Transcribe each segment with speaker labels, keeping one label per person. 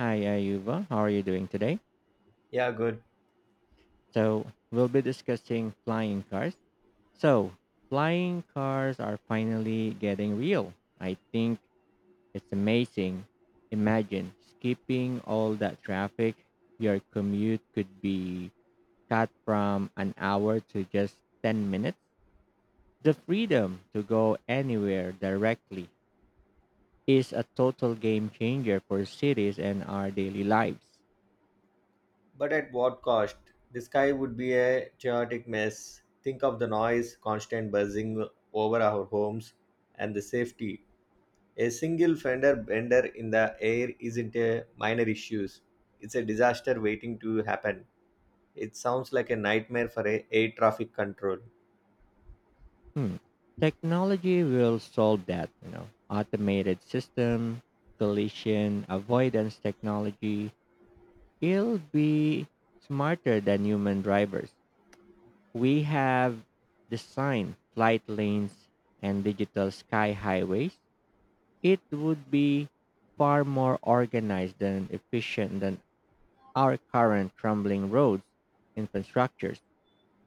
Speaker 1: Hi, Ayuba. How are you doing today?
Speaker 2: Yeah, good.
Speaker 1: So, we'll be discussing flying cars. So, Flying cars are finally getting real. I think it's amazing. Imagine skipping all that traffic. Your commute could be cut from an hour to just 10 minutes. The freedom to go anywhere directly is a total game changer for cities and our daily lives.
Speaker 2: But at what cost? The sky would be a chaotic mess. Think of the noise, constant buzzing over our homes, and the safety. A single fender bender in the air isn't a minor issue. It's a disaster waiting to happen. It sounds like a nightmare for a air traffic control.
Speaker 1: Hmm. Technology will solve that. Automated system, collision avoidance technology, it'll be smarter than human drivers. We have designed flight lanes and digital sky highways. It would be far more organized and efficient than our current crumbling roads infrastructures.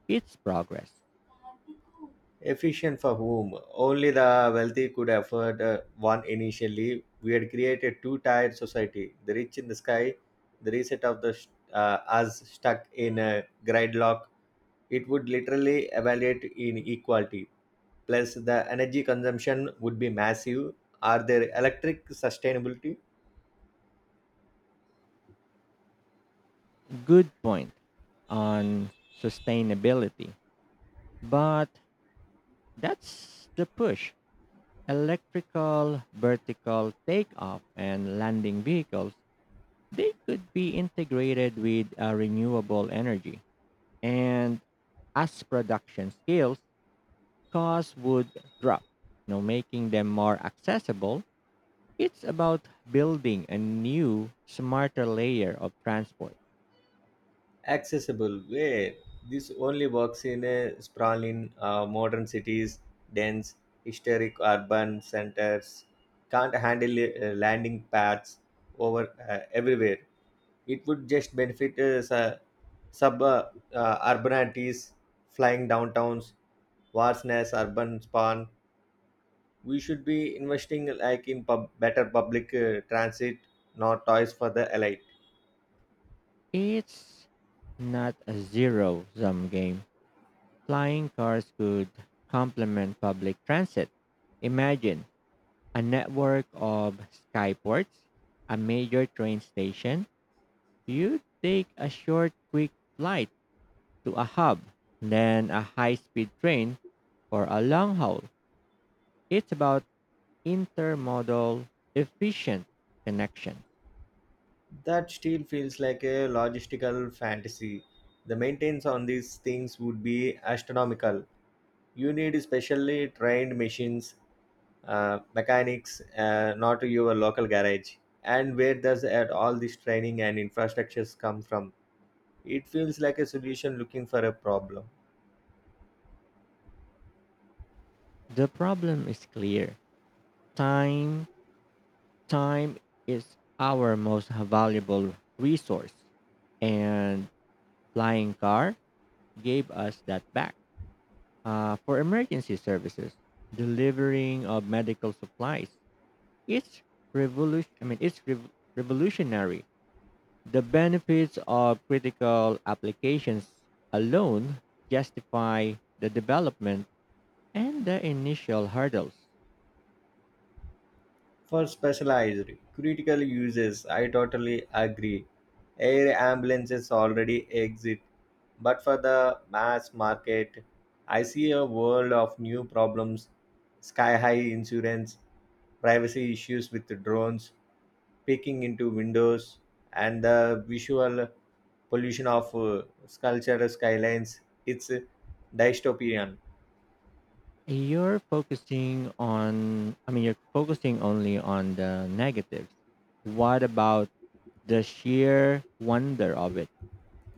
Speaker 1: It's progress.
Speaker 2: Efficient for whom? Only the wealthy could afford one initially. We had created two tiered society the rich in the sky, the reset of the us stuck in a gridlock. It would literally evaluate inequality. Plus, the energy consumption would be massive. Are there electric sustainability?
Speaker 1: Good point on sustainability. But that's the push. Electrical vertical takeoff and landing vehicles, they could be integrated with renewable energy. And as production scales, costs would drop, making them more accessible. It's about building a new, smarter layer of transport.
Speaker 2: Accessible way. This only works in a sprawling modern cities, dense historic urban centers. Can't handle landing pads over everywhere. It would just benefit su- sub urbanities, flying downtowns, vast nest urban spawn. We should be investing like in better public transit, not toys for the elite.
Speaker 1: It's not a zero sum game. Flying cars could complement public transit. Imagine a network of skyports, a major train station. You take a short, quick flight to a hub, then a high speed train for a long haul. It's about intermodal, efficient connection.
Speaker 2: That still feels like a logistical fantasy. The maintenance on these things would be astronomical. You need specially trained machines, mechanics, not your local garage. And where does at all this training and infrastructures come from? It feels like a solution looking for a problem.
Speaker 1: The problem is clear time, time is our most valuable resource, and flying car gave us that back. For emergency services, delivering of medical supplies. It's revolution. Revolutionary. The benefits of critical applications alone justify the development and the initial hurdles.
Speaker 2: For specialized, critical uses, I totally agree. Air ambulances already exist, but for the mass market, I see a world of new problems sky high insurance, privacy issues with the drones, peeking into windows, and the visual pollution of sculpture skylines. It's dystopian.
Speaker 1: You're focusing only on the negatives. What about the sheer wonder of it?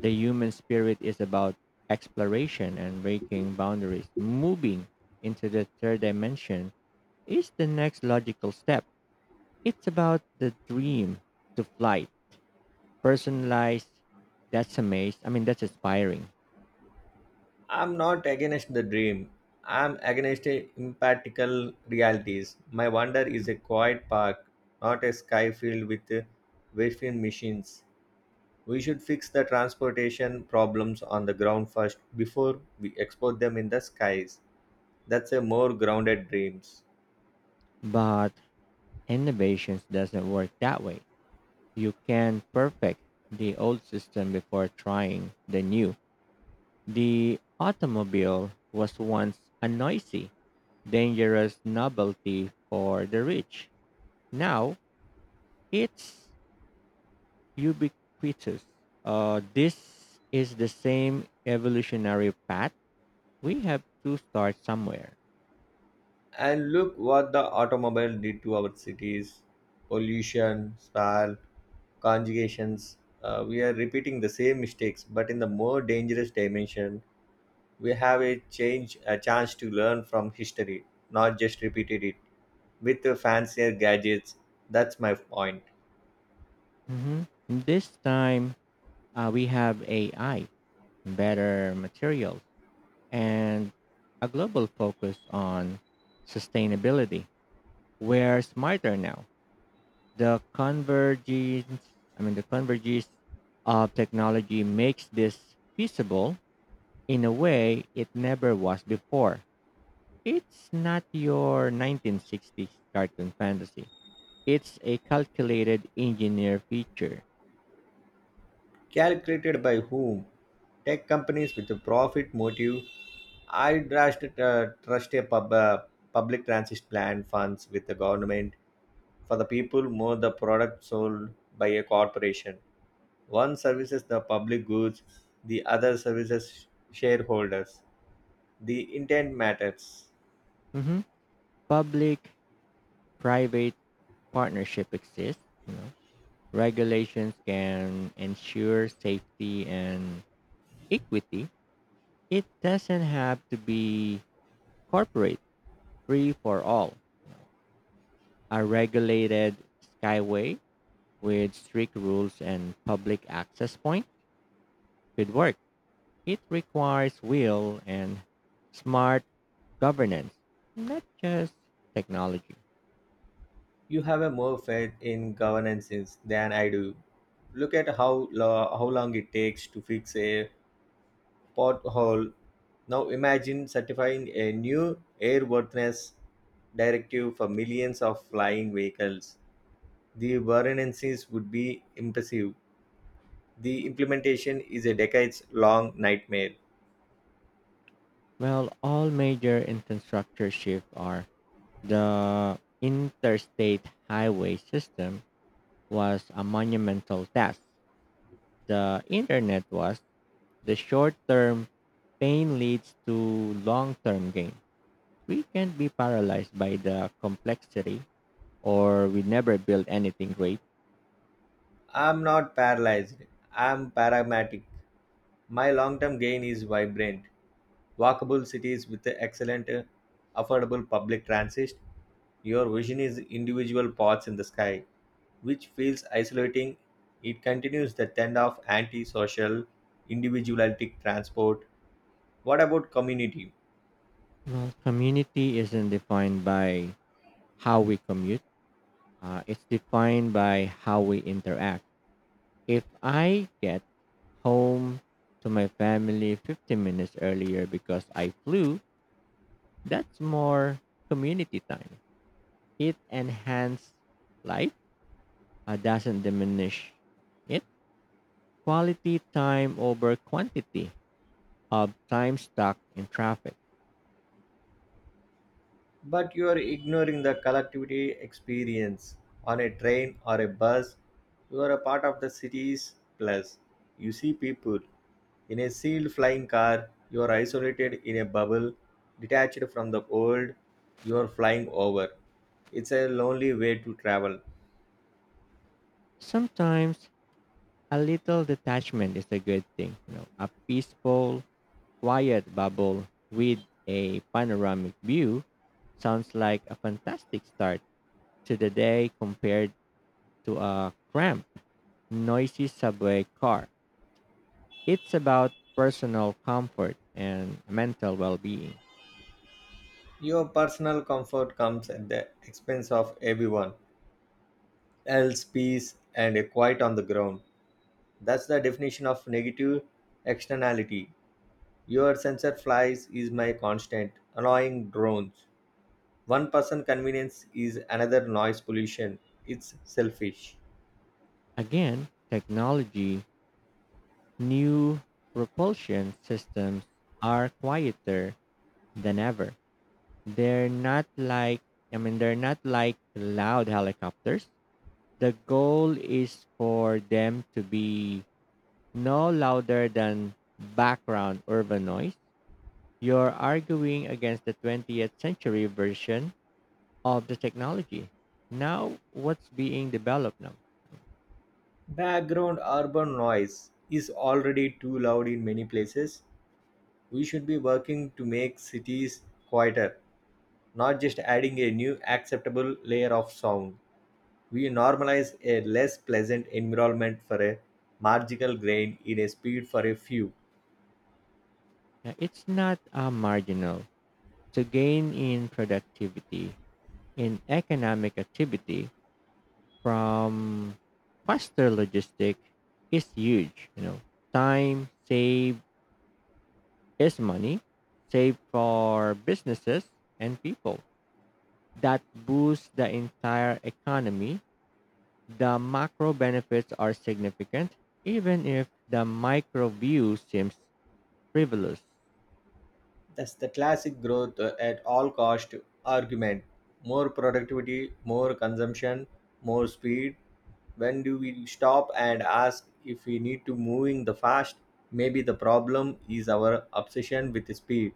Speaker 1: The human spirit is about exploration and breaking boundaries. Moving into the third dimension is the next logical step. It's about the dream to flight. Personalized, that's amazing. That's inspiring.
Speaker 2: I'm not against the dream. I'm against the impractical realities. My wonder is a quiet park, not a sky filled with wayfaring machines. We should fix the transportation problems on the ground first before we export them in the skies. That's a more grounded dreams.
Speaker 1: But innovations doesn't work that way. You can perfect the old system before trying the new. The automobile was once a noisy, dangerous novelty for the rich. Now it's ubiquitous. This is the same evolutionary path. We have to start somewhere.
Speaker 2: And look what the automobile did to our cities. Pollution, stall, conjugations. We are repeating the same mistakes but in the more dangerous dimension. We have a chance to learn from history, not just repeated it with the fancier gadgets. That's my point.
Speaker 1: Mhm. This time we have AI, better materials, and a global focus on sustainability. We're smarter now. The convergence, the convergence of technology makes this feasible in a way it never was before. It's not your 1960s cartoon fantasy. It's a calculated engineer feature.
Speaker 2: Calculated by whom? Tech companies with a profit motive. I trust a public transit plan funds with the government for the people more the product sold by a corporation. One services the public goods, the other services shareholders. The intent matters.
Speaker 1: Mhm. Public private partnership exists. You know. Regulations can ensure safety and equity. It doesn't have to be corporate free for all. A regulated skyway with strict rules and public access point could work. It requires will and smart governance, not just technology.
Speaker 2: You have a more faith in governances than I do. Look at how how long it takes to fix a pothole. Now imagine certifying a new airworthiness directive for millions of flying vehicles. The variances would be impressive. The implementation is a decades long nightmare.
Speaker 1: Well, all major infrastructure shifts are the interstate highway system was a monumental task. The internet was the short term pain leads to long term gain. We can't be paralyzed by the complexity or we never build anything great.
Speaker 2: I'm not paralyzed. I'm pragmatic. My long term gain is vibrant. Walkable cities with excellent, affordable public transit. Your vision is individual pods in the sky, which feels isolating. It continues the trend of anti-social, individualistic transport. What about community?
Speaker 1: Well, community isn't defined by how we commute. It's defined by how we interact. If I get home to my family 15 minutes earlier because I flew, that's more community time. It enhances life, doesn't diminish it. Quality time over quantity of time stuck in traffic.
Speaker 2: But you are ignoring the collectivity experience. On a train or a bus, you are a part of the city's plus. You see people. In a sealed flying car, you are isolated in a bubble, detached from the world you are flying over. It's a lonely way to travel.
Speaker 1: Sometimes a little detachment is a good thing. A peaceful quiet bubble with a panoramic view sounds like a fantastic start to the day compared to a cramped, noisy subway car. It's about personal comfort and mental well being.
Speaker 2: Your personal comfort comes at the expense of everyone else, peace, and a quiet on the ground. That's the definition of negative externality. Your sensor flies is my constant, annoying drones. One person convenience is another noise pollution. It's selfish.
Speaker 1: Again, technology, new propulsion systems are quieter than ever. They're not like, they're not like loud helicopters. The goal is for them to be no louder than background urban noise. You're arguing against the 20th century version of the technology. Now, what's being developed now?
Speaker 2: Background urban noise is already too loud in many places. We should be working to make cities quieter, not just adding a new acceptable layer of sound. We normalize a less pleasant environment for a marginal gain in a speed for a few.
Speaker 1: Now, it's not a marginal. To gain in productivity, in economic activity from faster logistic is huge. Time saved is money, saved for businesses and people. That boosts the entire economy, the macro benefits are significant, even if the micro view seems frivolous.
Speaker 2: That's the classic growth at all cost argument. More productivity, more consumption, more speed. When do we stop and ask if we need to moving the fast? Maybe the problem is our obsession with speed,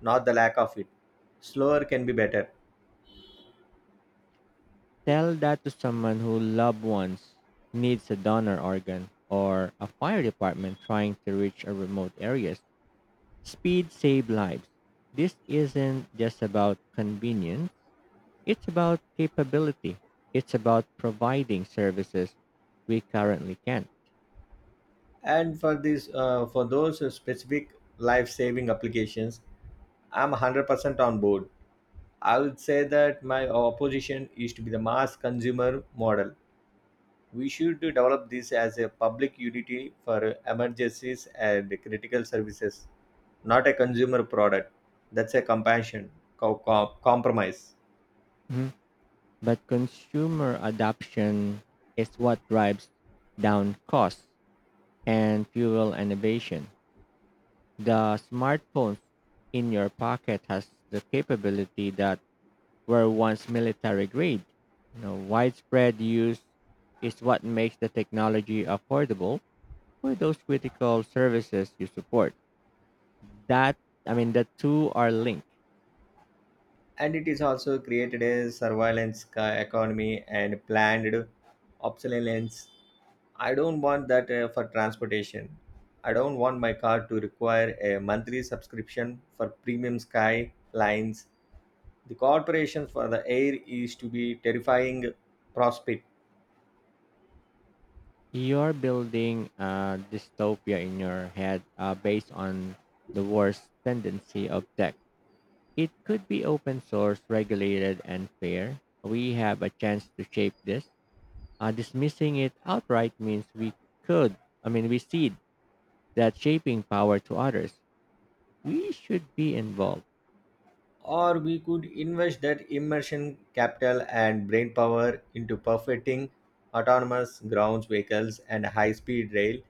Speaker 2: not the lack of it. Slower can be better.
Speaker 1: Tell that to someone who loved ones needs a donor organ or a fire department trying to reach a remote areas. Speed save lives. This isn't just about convenience, it's about capability. It's about providing services we currently can't.
Speaker 2: And for this, for those specific life-saving applications, I'm 100% on board. I would say that my opposition is to be the mass consumer model. We should develop this as a public utility for emergencies and critical services, not a consumer product. That's a compassion compromise.
Speaker 1: But consumer adoption is what drives down costs and fuel innovation. The smartphone in your pocket has the capability that were once military grade. Widespread use is what makes the technology affordable for those critical services you support. That I mean The two are linked.
Speaker 2: And it is also created a surveillance economy and planned obsolescence. I don't want that for transportation. I don't want my car to require a monthly subscription for premium sky lines. The corporations for the air is to be terrifying prospect
Speaker 1: You're building a dystopia in your head based on the worst tendency of tech. It could be open source, regulated, and fair. We have a chance to shape this. Dismissing it outright means we could, I mean, we cede that shaping power to others. We should be involved.
Speaker 2: or we could invest that immersion capital and brain power into perfecting autonomous ground vehicles and high speed rail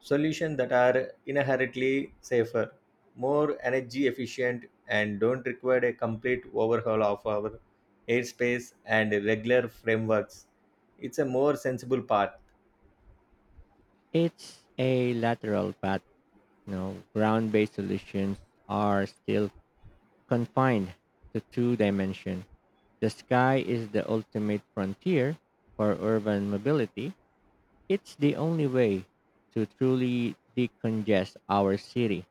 Speaker 2: solutions that are inherently safer, more energy efficient, and don't require a complete overhaul of our airspace and regular frameworks. It's a more sensible path.
Speaker 1: It's a lateral path. Ground-based solutions are still confined to two dimensions. The sky is the ultimate frontier for urban mobility. It's the only way to truly decongest our city.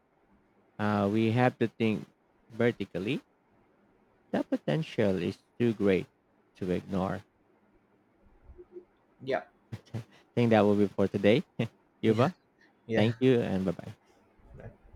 Speaker 1: We have to think vertically. The potential is too great to ignore.
Speaker 2: Yeah.
Speaker 1: I think that will be for today. Yuba, thank
Speaker 2: Yeah.
Speaker 1: you and bye bye.
Speaker 2: Yeah.